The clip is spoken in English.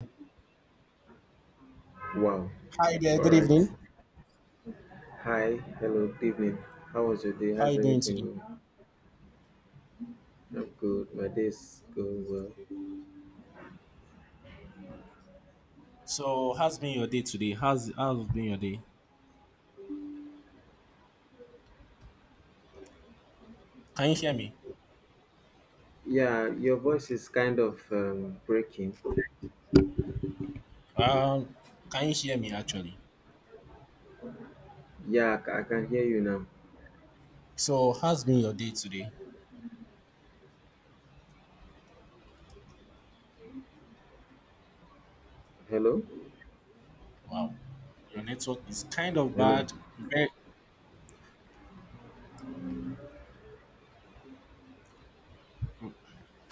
Wow. Hi there, All good right. evening. Hi. Hello. Good evening. How was your day? How are you How's doing everything today? going? I'm good. My day's going well. So, how's been your day today? How's been your day? Can you hear me? Yeah, your voice is kind of breaking. Um, can you hear me actually? Yeah, I can hear you now. So, how's been your day today? Hello. Wow, your network is kind of Hello. bad. Very